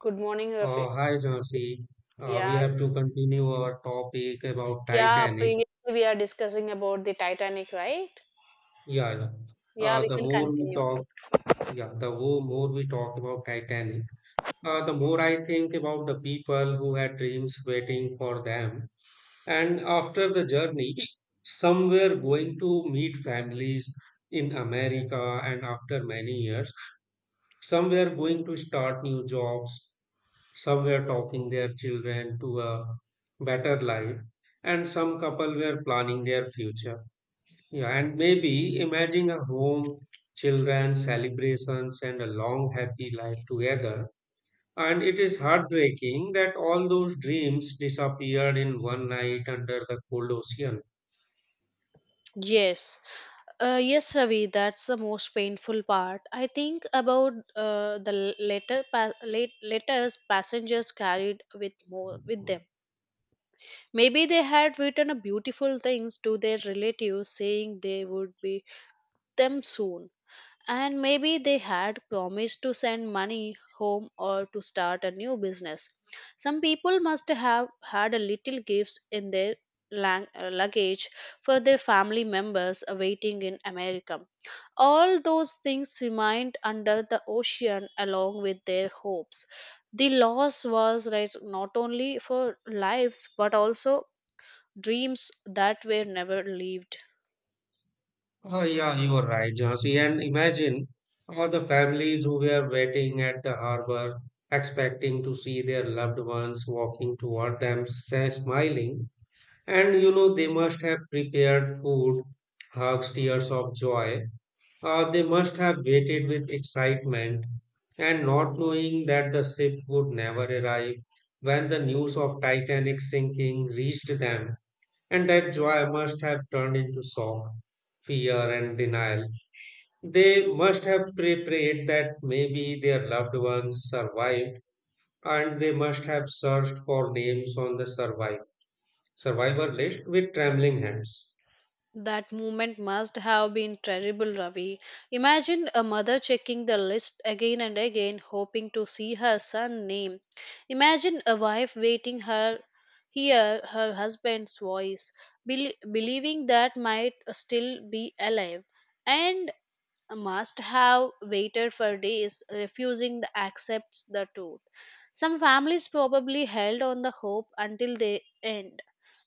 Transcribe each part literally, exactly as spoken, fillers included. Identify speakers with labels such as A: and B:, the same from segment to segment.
A: Good morning, Rafi.
B: Uh, hi, Jansi. Uh, we
A: Yeah,
B: have to continue our topic about
A: yeah.
B: Titanic.
A: Previously, we are discussing about the Titanic, right?
B: Yeah, yeah.
A: Yeah,
B: Uh,
A: we
B: the
A: can
B: more we
A: continue.
B: talk, yeah, the wo- more we talk about Titanic, uh, the more I think about the people who had dreams waiting for them. And after the journey, some were going to meet families in America, and after many years, some were going to start new jobs. Some were talking their children to a better life, and some couple were planning their future. Yeah, and maybe imagining a home, children, celebrations, and a long happy life together. And it is heartbreaking that all those dreams disappeared in one night under the cold ocean.
A: Yes, uh, yes, Ravi. That's the most painful part. I think about uh, the letter, pa- late letters passengers carried with more with them. Maybe they had written a beautiful things to their relatives, saying they would be them soon. And maybe they had promised to send money home or to start a new business. Some people must have had a little gifts in their lang- uh, luggage for their family members awaiting in America. All those things remained under the ocean along with their hopes. The loss was right not only for lives but also dreams that were never lived.
B: Oh, yeah, you are right, Jhansi. And imagine all the families who were waiting at the harbor, expecting to see their loved ones walking toward them, sa- smiling. And you know, they must have prepared food, hugs, tears of joy. Uh, they must have waited with excitement and not knowing that the ship would never arrive when the news of Titanic sinking reached them and that joy must have turned into shock, fear, and denial. They must have pray- prayed that maybe their loved ones survived, and they must have searched for names on the survive, survivor list with trembling hands.
A: That moment must have been terrible, Ravi. Imagine a mother checking the list again and again, hoping to see her son name. Imagine a wife waiting her hear her husband's voice, bel- believing that might still be alive. And must have waited for days, refusing to accept the truth. Some families probably held on the hope until the end,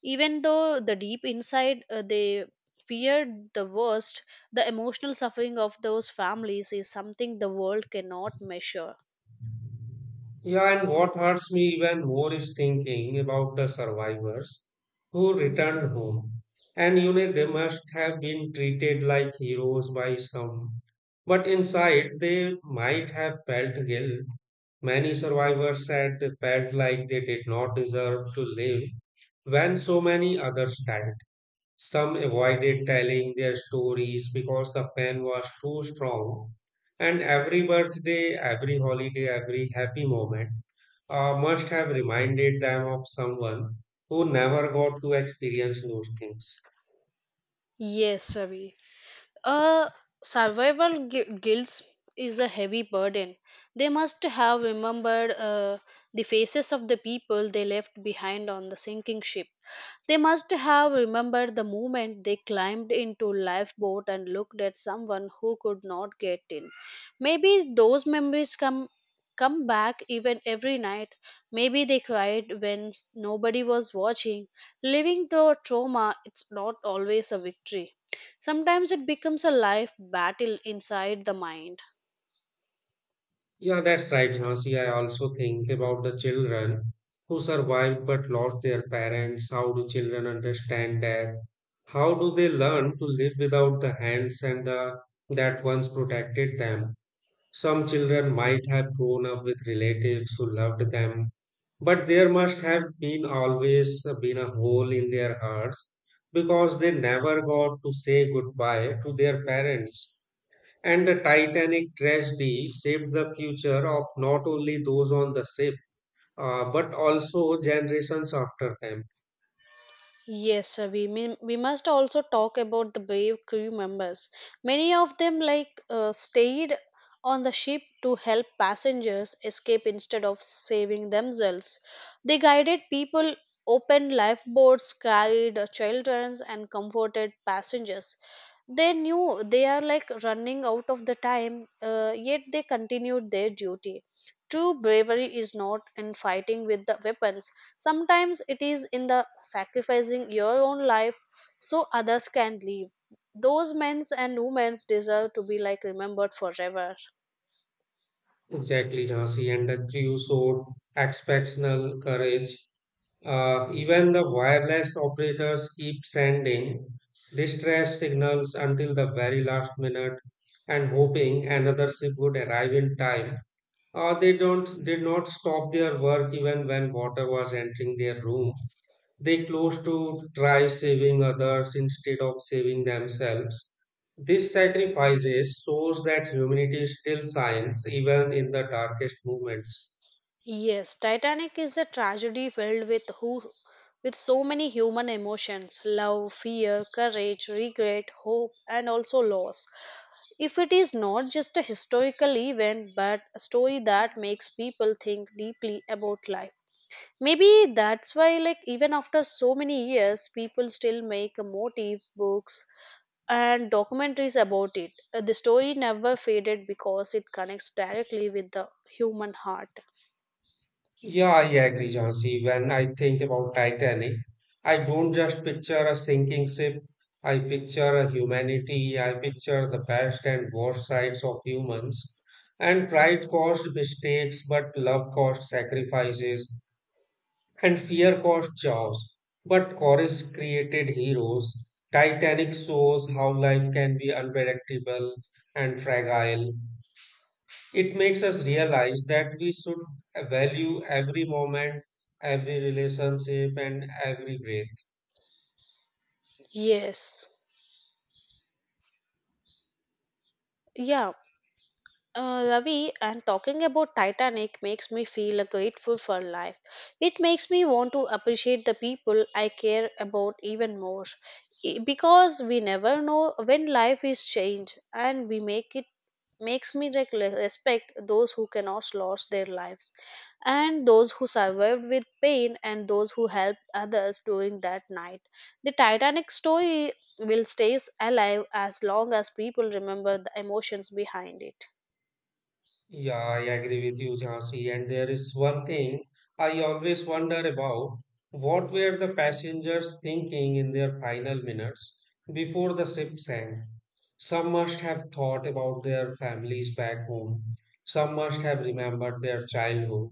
A: even though the deep inside uh, they feared the worst. The emotional suffering of those families is something the world cannot measure.
B: Yeah, and what hurts me even more is thinking about the survivors who returned home. And you know, they must have been treated like heroes by some, but inside they might have felt guilt. Many survivors said they felt like they did not deserve to live when so many others died. Some avoided telling their stories because the pain was too strong. And every birthday, every holiday, every happy moment uh, must have reminded them of someone who never got to experience those things.
A: Yes, Ravi. Uh, survival gu- guilt is a heavy burden. They must have remembered uh, the faces of the people they left behind on the sinking ship. They must have remembered the moment they climbed into lifeboat and looked at someone who could not get in. Maybe those memories come come back even every night. Maybe they cried when s- nobody was watching. Living the trauma, it's not always a victory. Sometimes it becomes a life battle inside the mind.
B: Yeah, that's right, Jhansi. I also think about the children who survived but lost their parents. How do children understand that? How do they learn to live without the hands and the that once protected them? Some children might have grown up with relatives who loved them, but there must have been always been a hole in their hearts because they never got to say goodbye to their parents. And the Titanic tragedy shaped the future of not only those on the ship, uh, but also generations after them.
A: Yes, uh, we mean we must also talk about the brave crew members. Many of them like uh, stayed on the ship to help passengers escape instead of saving themselves. They guided people, opened lifeboats, carried uh, children, and comforted passengers. They knew they are like running out of the time, uh, yet they continued their duty. True bravery is not in fighting with the weapons. Sometimes it is in the sacrificing your own life so others can live. Those men and women deserve to be like remembered forever.
B: Exactly, Jhansi. And the crew showed exceptional courage. Uh, even the wireless operators keep sending distress signals until the very last minute and hoping another ship would arrive in time. Uh, they don't did not stop their work even when water was entering their room. They close to try saving others instead of saving themselves. This sacrifices shows that humanity still shines even in the darkest moments.
A: Yes, Titanic is a tragedy filled with who with so many human emotions love, fear, courage, regret, hope, and also loss. If it is not just a historical event but a story that makes people think deeply about life. Maybe that's why, like, even after so many years, people still make motive books and documentaries about it. Uh, The story never faded because it connects directly with the human heart.
B: Yeah, I agree, Jhansi. When I think about Titanic, I don't just picture a sinking ship. I picture a humanity. I picture the best and worst sides of humans. And pride caused mistakes, but love caused sacrifices. And fear caused chaos, but chorus created heroes. Titanic shows how life can be unpredictable and fragile. It makes us realize that we should value every moment, every relationship, and every breath.
A: Yes. Yeah, Uh, Ravi, and talking about Titanic makes me feel uh, grateful for life. It makes me want to appreciate the people I care about even more. I- Because we never know when life is changed and we make it makes me like le- respect those who cannot lost their lives and those who survived with pain and those who helped others during that night. The Titanic story will stays alive as long as people remember the emotions behind it.
B: Yeah, I agree with you, Jhansi. And there is one thing I always wonder about. What were the passengers thinking in their final minutes before the ship sank? Some must have thought about their families back home. Some must have remembered their childhood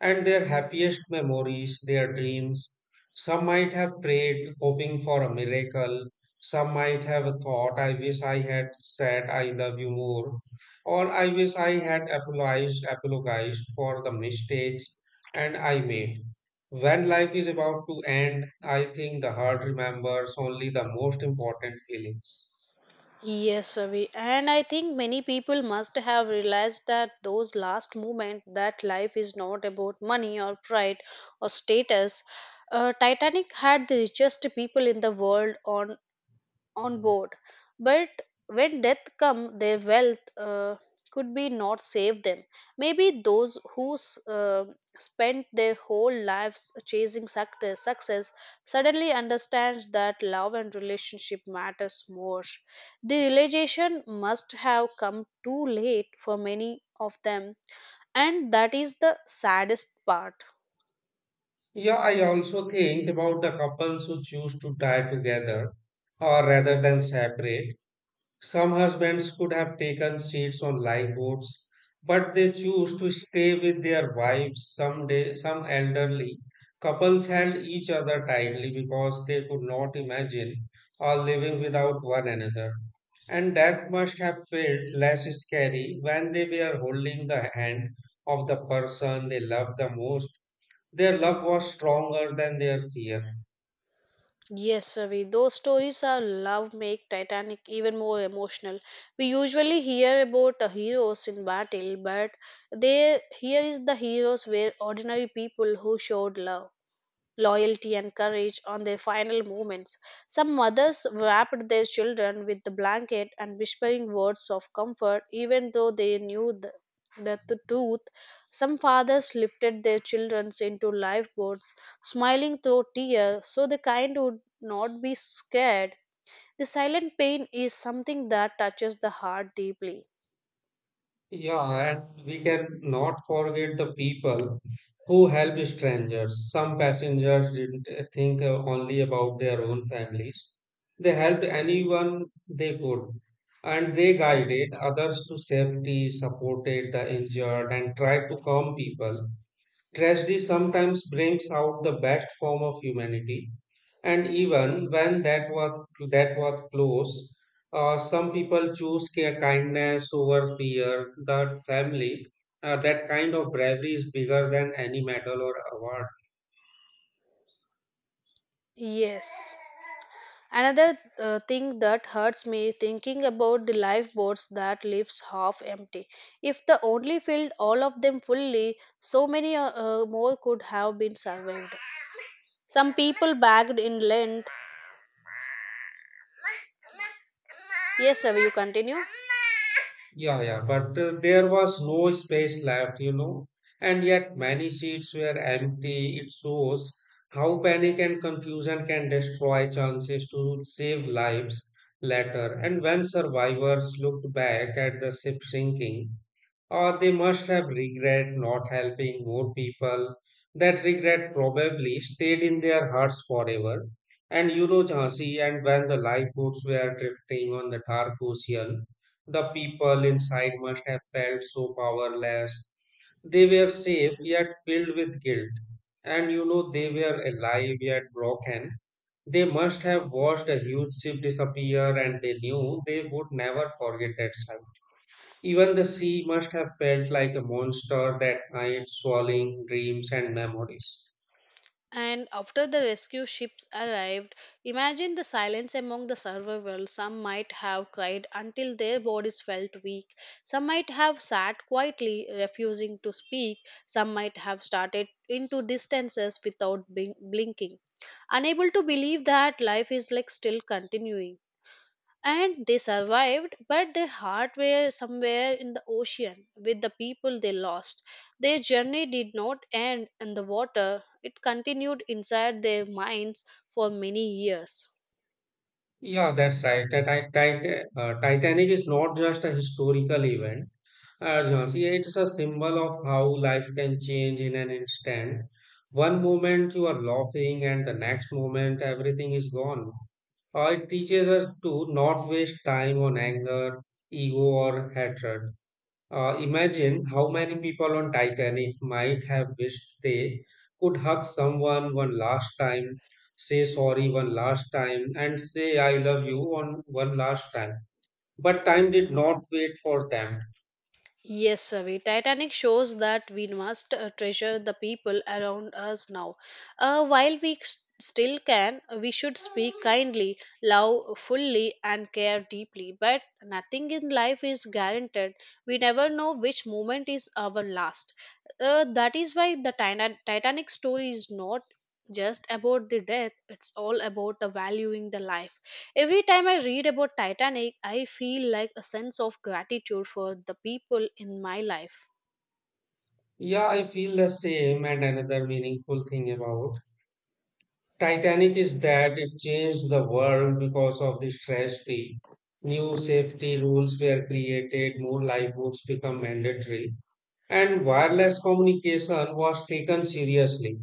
B: and their happiest memories, their dreams. Some might have prayed, hoping for a miracle. Some might have thought, I wish I had said I love you more. Or I wish I had apologized, apologized for the mistakes and I made. When life is about to end, I think the heart remembers only the most important feelings.
A: Yes, Ravi. And I think many people must have realized that those last moments that life is not about money or pride or status. Uh, Titanic had the richest people in the world on on board. But when death come, their wealth uh, could be not save them. Maybe those who s- uh, spent their whole lives chasing success, success suddenly understands that love and relationship matters more. The realization must have come too late for many of them, and that is the saddest part.
B: Yeah, I also think about the couples who choose to die together or rather than separate. Some husbands could have taken seats on lifeboats, but they choose to stay with their wives. Some day, some elderly couples held each other tightly because they could not imagine or living without one another. And death must have felt less scary when they were holding the hand of the person they loved the most. Their love was stronger than their fear.
A: Yes, Ravi. Those stories are love make Titanic even more emotional. We usually hear about the heroes in battle, but they here is the heroes were ordinary people who showed love loyalty, and courage on their final moments. Some mothers wrapped their children with the blanket and whispering words of comfort, even though they knew the, that the truth. Some fathers lifted their children into lifeboats, smiling through tears, so the kind would not be scared. The silent pain is something that touches the heart deeply.
B: Yeah, and we can not forget the people who helped strangers. Some passengers didn't think uh, only about their own families. They helped anyone they could, and they guided others to safety, supported the injured, and tried to calm people. Tragedy sometimes brings out the best form of humanity, and even when that was that was close, uh, some people choose care, kindness over fear. That family, uh, that kind of bravery is bigger than any medal or award.
A: Yes. Another uh, thing that hurts me thinking about the lifeboats that leaves half empty. If the only filled all of them fully, so many uh, uh, more could have been survived. Some people bagged in lint. Yes, sir, you continue.
B: Yeah, yeah, but uh, there was no space left, you know, and yet many seats were empty. It shows how panic and confusion can destroy chances to save lives later. And when survivors looked back at the ship sinking, or they must have regret not helping more people. That regret probably stayed in their hearts forever. And you know, Jhansi, and when the lifeboats were drifting on the dark ocean, the people inside must have felt so powerless. They were safe yet filled with guilt. And you know, they were alive yet broken. They must have watched a huge ship disappear and they knew they would never forget that sight. Even the sea must have felt like a monster that night, swallowing dreams and memories.
A: And after the rescue ships arrived, imagine the silence among the survivors. Some might have cried until their bodies felt weak. Some might have sat quietly, refusing to speak. Some might have started into distances without bing- blinking, unable to believe that life is like still continuing and they survived but their heart were somewhere in the ocean with the people they lost their journey did not end in the water it continued inside their minds for many years.
B: Yeah, that's right. The Ti- Ti- uh, Titanic is not just a historical event, uh, Jhansi, it's a symbol of how life can change in an instant. One moment you are laughing, and the next moment everything is gone. Uh, it teaches us to not waste time on anger, ego, or hatred. Uh, imagine how many people on Titanic might have wished they could hug someone one last time, say sorry one last time, and say I love you on one last time. But time did not wait for them.
A: Yes, Ravi. Titanic shows that we must uh, treasure the people around us now. Uh, while we s- still can, we should speak kindly, love fully, and care deeply. But nothing in life is guaranteed. We never know which moment is our last. Uh, that is why the Tina- Titanic story is not just about the death, it's all about the valuing the life. Every time I read about Titanic, I feel like a sense of gratitude for the people in my life.
B: Yeah, I feel the same, and another meaningful thing about Titanic is that it changed the world because of the tragedy. New safety rules were created, more lifeboats become mandatory and wireless communication was taken seriously.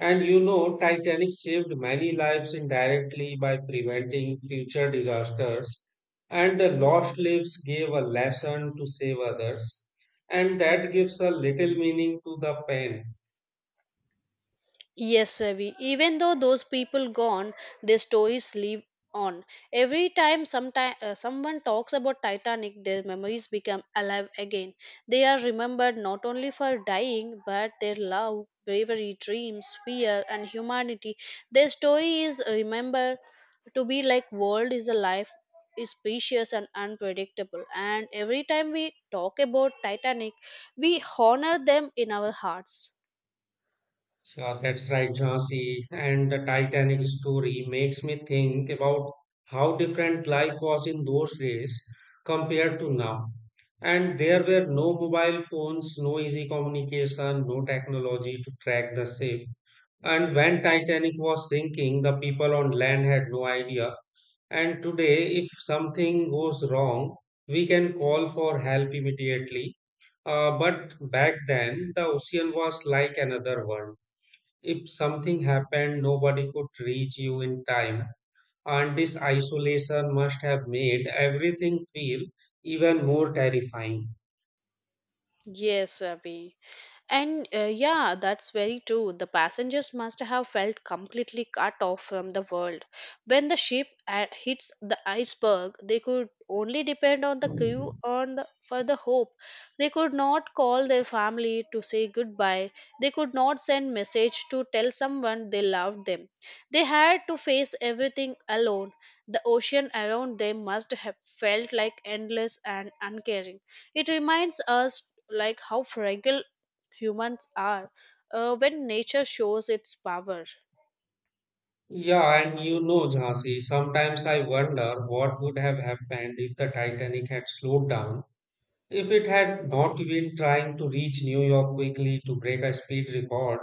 B: And you know, Titanic saved many lives indirectly by preventing future disasters. And the lost lives gave a lesson to save others. And that gives a little meaning to the pain.
A: Yes, Ravi. Even though those people gone, their stories live on. Every time sometime, uh, someone talks about Titanic, their memories become alive again. They are remembered not only for dying, but their love, bravery, dreams, fear, and humanity. Their story is remembered to be like world is a life is precious and unpredictable, and every time we talk about Titanic we honor them in our hearts.
B: Yeah, that's right, Jhansi. And the Titanic story makes me think about how different life was in those days compared to now. And there were no mobile phones, no easy communication, no technology to track the ship. And when Titanic was sinking, the people on land had no idea. And today, if something goes wrong, we can call for help immediately. Uh, but back then, the ocean was like another world. If something happened, nobody could reach you in time, and this isolation must have made everything feel even more terrifying.
A: Yes, Ravi. And uh, yeah, that's very true. The passengers must have felt completely cut off from the world. When the ship uh, hits the iceberg, they could only depend on the crew on the, for the hope. They could not call their family to say goodbye. They could not send message to tell someone they loved them. They had to face everything alone. The ocean around them must have felt like endless and uncaring. It reminds us like how fragile humans are uh, when nature shows its power.
B: Yeah, and you know, Jhansi, sometimes I wonder what would have happened if the Titanic had slowed down. If it had not been trying to reach New York quickly to break a speed record,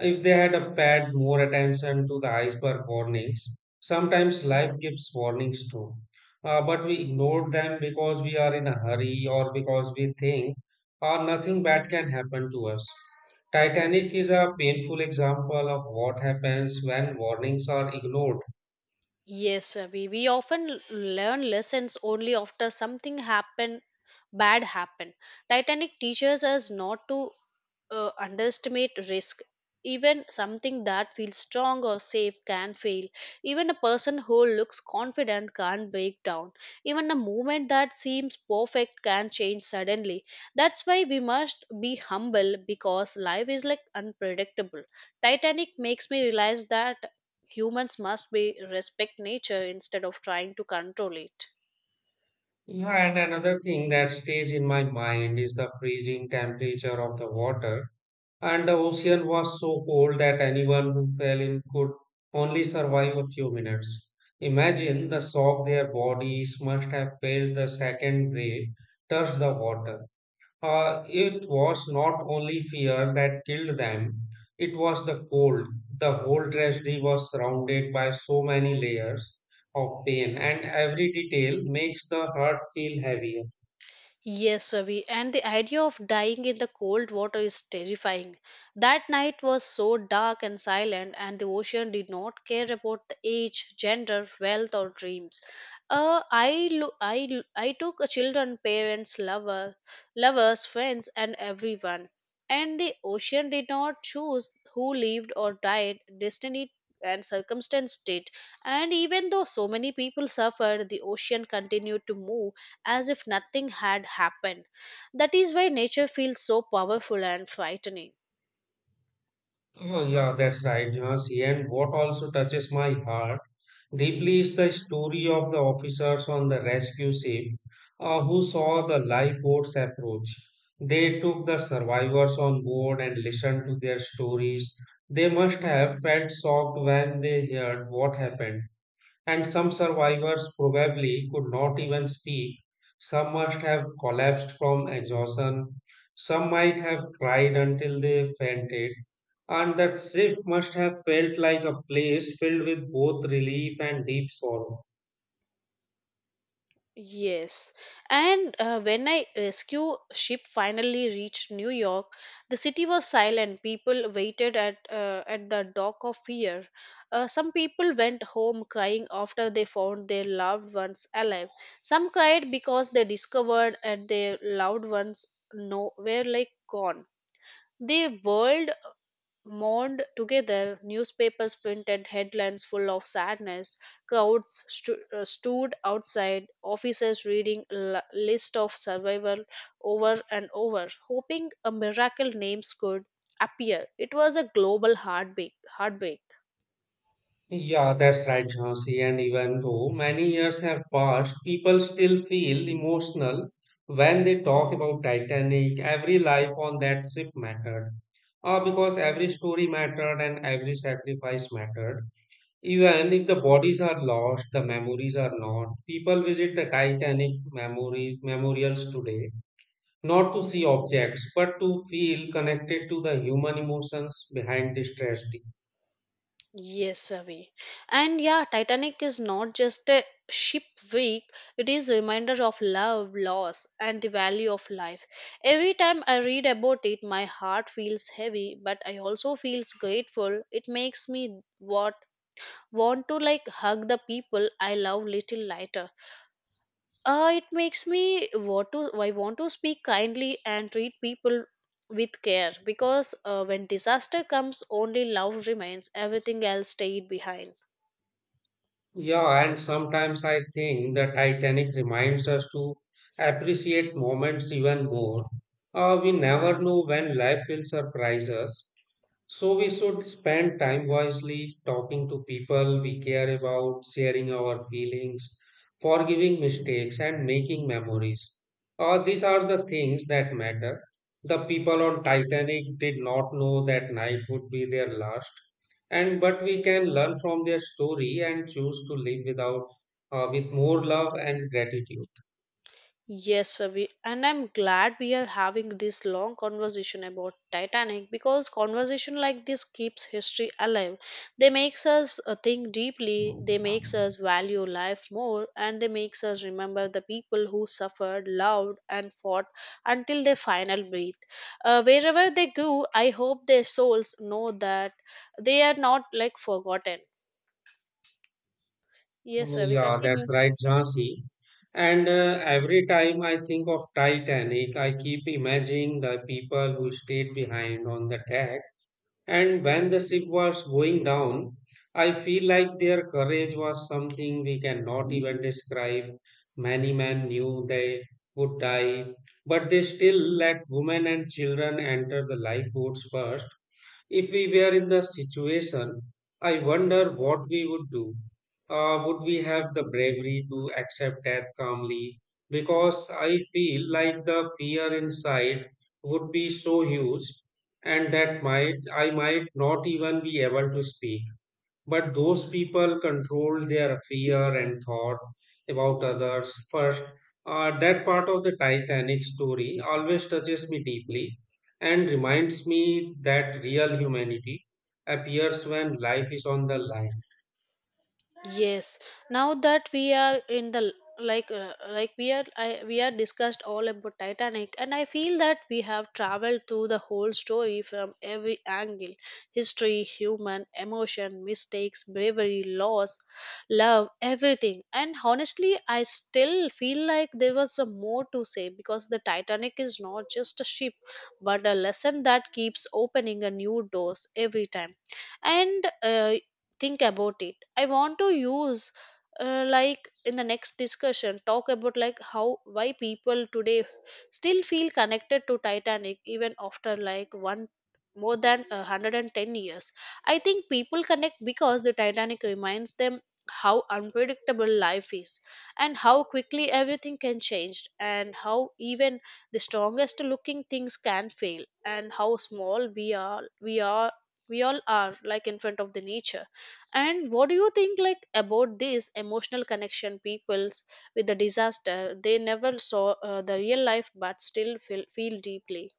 B: if they had uh, paid more attention to the iceberg warnings, sometimes life gives warnings too. Uh, but we ignore them because we are in a hurry or because we think uh, nothing bad can happen to us. Titanic is a painful example of what happens when warnings are ignored.
A: Yes, Ravi, we often l- learn lessons only after something happen bad happen. Titanic teaches us not to uh, underestimate risk. Even something that feels strong or safe can fail. Even a person who looks confident can break down. Even a movement that seems perfect can change suddenly. That's why we must be humble because life is like unpredictable. Titanic makes me realize that humans must be respect nature instead of trying to control it.
B: Yeah, and another thing that stays in my mind is the freezing temperature of the water. And the ocean was so cold that anyone who fell in could only survive a few minutes. Imagine the shock their bodies must have felt the second they touched the water. Uh, it was not only fear that killed them, it was the cold. The whole tragedy was surrounded by so many layers of pain, and every detail makes the heart feel heavier.
A: Yes, Ravi, and the idea of dying in the cold water is terrifying. That night was so dark and silent, and the ocean did not care about the age, gender, wealth, or dreams. Uh, I, lo- I, lo- I took a children, parents, lover, lovers, friends, and everyone. And the ocean did not choose who lived or died. Destiny and circumstance did. And even though so many people suffered, the ocean continued to move as if nothing had happened. That is why nature feels so powerful and frightening.
B: Oh, yeah, that's right, Jhansi. And what also touches my heart deeply is the story of the officers on the rescue ship uh, who saw the lifeboats approach. They took the survivors on board and listened to their stories. They must have felt shocked when they heard what happened and some survivors probably could not even speak. Some must have collapsed from exhaustion. Some might have cried until they fainted. And that ship must have felt like a place filled with both relief and deep sorrow.
A: Yes, and uh, when I rescue ship finally reached New York, the city was silent. People waited at uh, at the dock of fear. Uh, some people went home crying after they found their loved ones alive. Some cried because they discovered that their loved ones nowhere like gone. The world mourned together, newspapers printed headlines full of sadness. Crowds stu- uh, stood outside offices reading a list of survival over and over, hoping a miracle names could appear. It was a global heartbreak. heartbreak.
B: Yeah, that's right, Jhansi. And even though many years have passed, people still feel emotional when they talk about Titanic. Every life on that ship mattered. Uh, because every story mattered and every sacrifice mattered. Even if the bodies are lost, the memories are not. People visit the Titanic memory, memorials today, not to see objects, but to feel connected to the human emotions behind this tragedy.
A: Yes, Avi. And yeah, Titanic is not just a ship week, it is a reminder of love, loss, and the value of life. Every time I read about it, my heart feels heavy, but I also feels grateful. It makes me what want to like hug the people I love little lighter. Uh, it makes me want to I want to speak kindly and treat people with care because uh, when disaster comes only love remains everything else stayed behind.
B: Yeah, and sometimes I think the Titanic reminds us to appreciate moments even more. Uh, we never know when life will surprise us, so we should spend time wisely talking to people we care about, sharing our feelings, forgiving mistakes, and making memories. Uh, these are the things that matter. The people on Titanic did not know that night would be their last, and but we can learn from their story and choose to live without uh, with more love and gratitude.
A: Yes, Ravi, and I'm glad we are having this long conversation about Titanic because conversation like this keeps history alive. They makes us uh, think deeply, they makes us value life more, and they makes us remember the people who suffered, loved, and fought until their final breath. Uh, wherever they go, I hope their souls know that they are not like forgotten. Yes,
B: Oh,
A: Ravi,
B: yeah, that's
A: continue.
B: right, Jhansi. And uh, every time I think of Titanic, I keep imagining the people who stayed behind on the deck. And when the ship was going down, I feel like their courage was something we cannot even describe. Many men knew they would die, but they still let women and children enter the lifeboats first. If we were in the situation, I wonder what we would do. Uh, would we have the bravery to accept death calmly? Because I feel like the fear inside would be so huge, and that might I might not even be able to speak. But those people control their fear and thought about others first. Uh, that part of the Titanic story always touches me deeply and reminds me that real humanity appears when life is on the line.
A: Yes, now that we are in the like uh, like we are I, we are discussed all about Titanic and I feel that we have traveled through the whole story from every angle, history, human emotion, mistakes, bravery, loss, love, everything, and honestly I still feel like there was a more to say because the Titanic is not just a ship but a lesson that keeps opening a new doors every time. And uh, think about it. I want to use uh, like in the next discussion talk about like how why people today still feel connected to Titanic even after like one more than uh, one hundred and ten years. I think people connect because the Titanic reminds them how unpredictable life is, and how quickly everything can change, and how even the strongest looking things can fail, and how small we are we are we all are like in front of the nature. And what do you think like about this emotional connection peoples with the disaster? They never saw uh, the real life but still feel, feel deeply.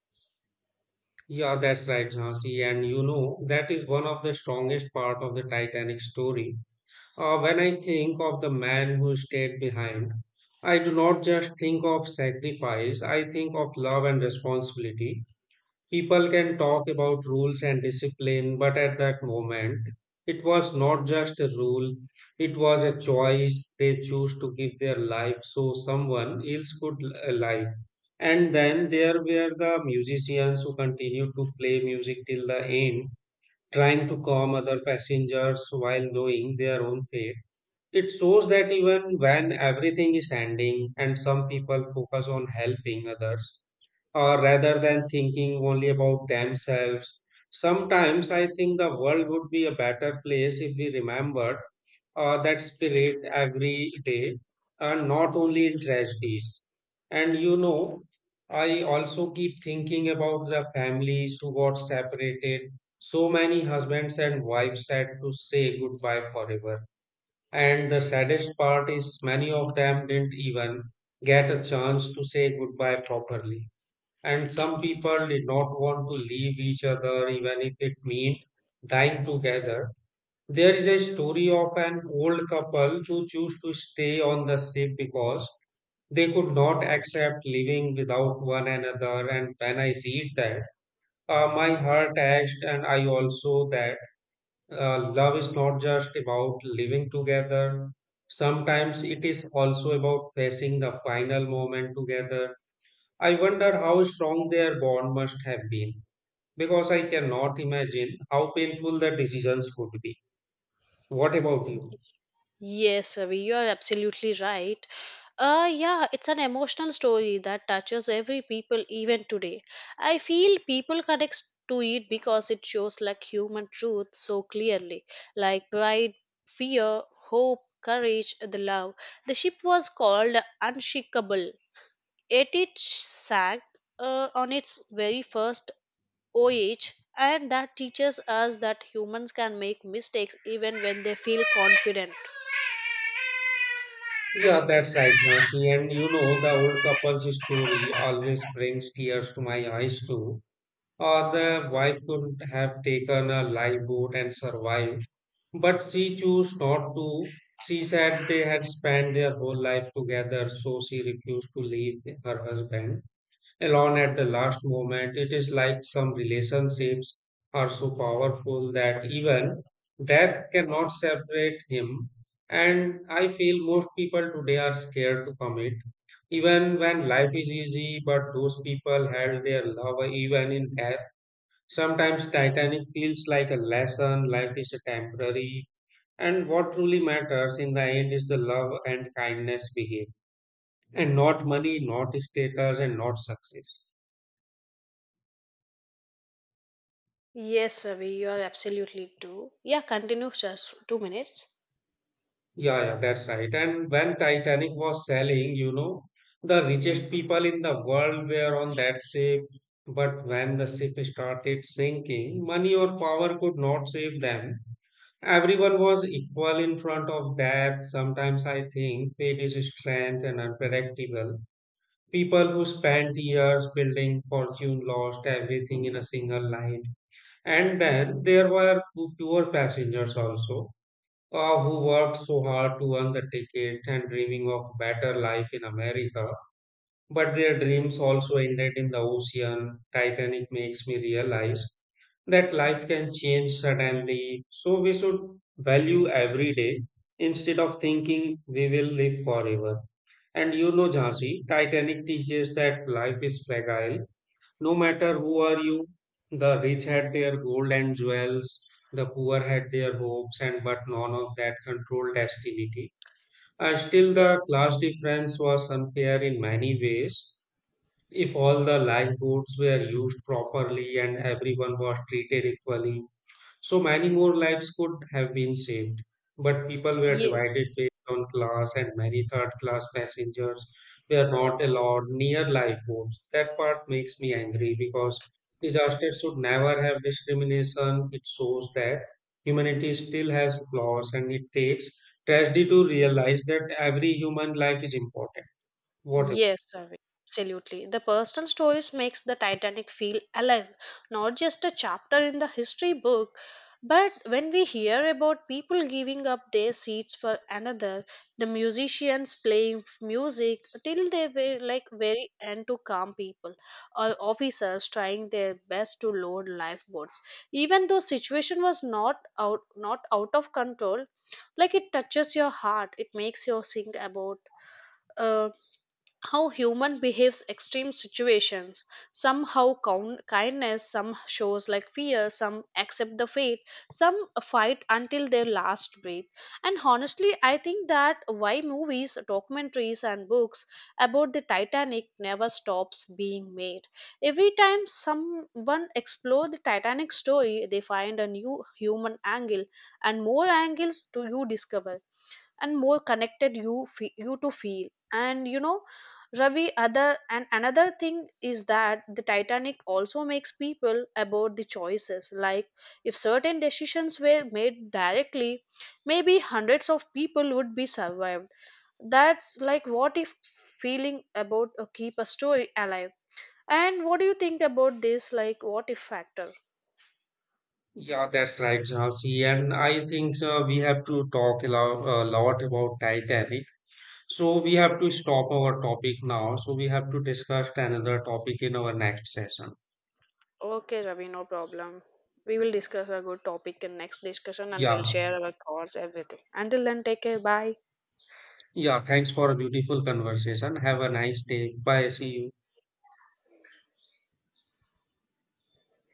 B: Yeah, that's right, Jhansi. And you know, that is one of the strongest part of the Titanic story. Uh, when I think of the man who stayed behind, I do not just think of sacrifice, I think of love and responsibility. People can talk about rules and discipline, but at that moment, it was not just a rule, it was a choice. They chose to give their life so someone else could l- live. And then there were the musicians who continued to play music till the end, trying to calm other passengers while knowing their own fate. It shows that even when everything is ending and some people focus on helping others, uh, rather than thinking only about themselves. Sometimes I think the world would be a better place if we remembered uh, that spirit every day, and not only in tragedies. And you know, I also keep thinking about the families who got separated. So many husbands and wives had to say goodbye forever. And the saddest part is many of them didn't even get a chance to say goodbye properly. And some people did not want to leave each other even if it meant dying together. There is a story of an old couple who chose to stay on the ship because they could not accept living without one another. And when I read that, uh, my heart ached, and I also that uh, love is not just about living together. Sometimes it is also about facing the final moment together. I wonder how strong their bond must have been, because I cannot imagine how painful the decisions would be. What about you?
A: Yes, Ravi, you are absolutely right. Uh, yeah, it's an emotional story that touches every people even today. I feel people connect to it because it shows like human truth so clearly, like pride, fear, hope, courage, the love. The ship was called Unshakable. Yet it sank uh, on its very first OH, and that teaches us that humans can make mistakes even when they feel confident.
B: Yeah, that's right, Jhansi. And you know, the old couple's story always brings tears to my eyes too. Uh, the wife could have taken a lifeboat and survived, but she chose not to. She said they had spent their whole life together, so she refused to leave her husband alone at the last moment. It is like some relationships are so powerful that even death cannot separate him. And I feel most people today are scared to commit, even when life is easy. But those people held their love even in death. Sometimes Titanic feels like a lesson, life is a temporary, and what truly matters in the end is the love and kindness we give, and not money, not status, and not success.
A: Yes, Ravi, you are absolutely true. Yeah, continue just two minutes.
B: Yeah, yeah, that's right. And when Titanic was sailing, you know, the richest people in the world were on that ship. But when the ship started sinking, money or power could not save them. Everyone was equal in front of death. Sometimes I think fate is strange and unpredictable. People who spent years building fortune lost everything in a single night. And then there were poor passengers also, uh, who worked so hard to earn the ticket and dreaming of better life in America. But their dreams also ended in the ocean. Titanic makes me realize that life can change suddenly. So we should value every day instead of thinking we will live forever. And you know, Jhansi, Titanic teaches that life is fragile no matter who are you, the rich had their gold and jewels, the poor had their hopes, and but none of that controlled destiny. Uh, still, the
A: Yes.
B: class difference was unfair in many ways. If all the livelihoods were used properly and everyone was treated equally, so many more lives could have been saved, but people were divided
A: Yes.
B: based on class, and many third class passengers were not allowed near lifeboats. That part makes me angry because disaster should never have discrimination. It shows that humanity still has flaws, and it takes tragedy to realize that every human life is important. What ab-
A: Yes, Ravi, absolutely. The personal stories makes the Titanic feel alive, not just a chapter in the history book. But when we hear about people giving up their seats for another, the musicians playing f- music till they were like very end to calm people, or officers trying their best to load lifeboats, even though situation was not out not out of control, like it touches your heart, it makes you think about. Uh, how human behaves extreme situations, some how coun- kindness, some shows like fear, some accept the fate, some fight until their last breath, and honestly I think that why movies documentaries and books about the Titanic never stops being made. Every time someone explore the Titanic story they find a new human angle, and more angles to you discover, and more connected you fe- you to feel. And you know ravi other and another thing is that the Titanic also makes people about the choices, like if certain decisions were made directly maybe hundreds of people would be survived. That's like what if feeling about uh, keep a story alive. And what do you think about this like what if factor?
B: yeah, that's right, Jhansi. And I think uh, we have to talk a lot, a lot about Titanic. So we have to stop our topic now. So we have to discuss another topic in our next session.
A: Okay, Ravi, no problem. We will discuss a good topic in next discussion and we'll
B: Yeah.
A: share our thoughts, everything. Until then, take care. Bye.
B: Yeah. Thanks for a beautiful conversation. Have a nice day. Bye. See you.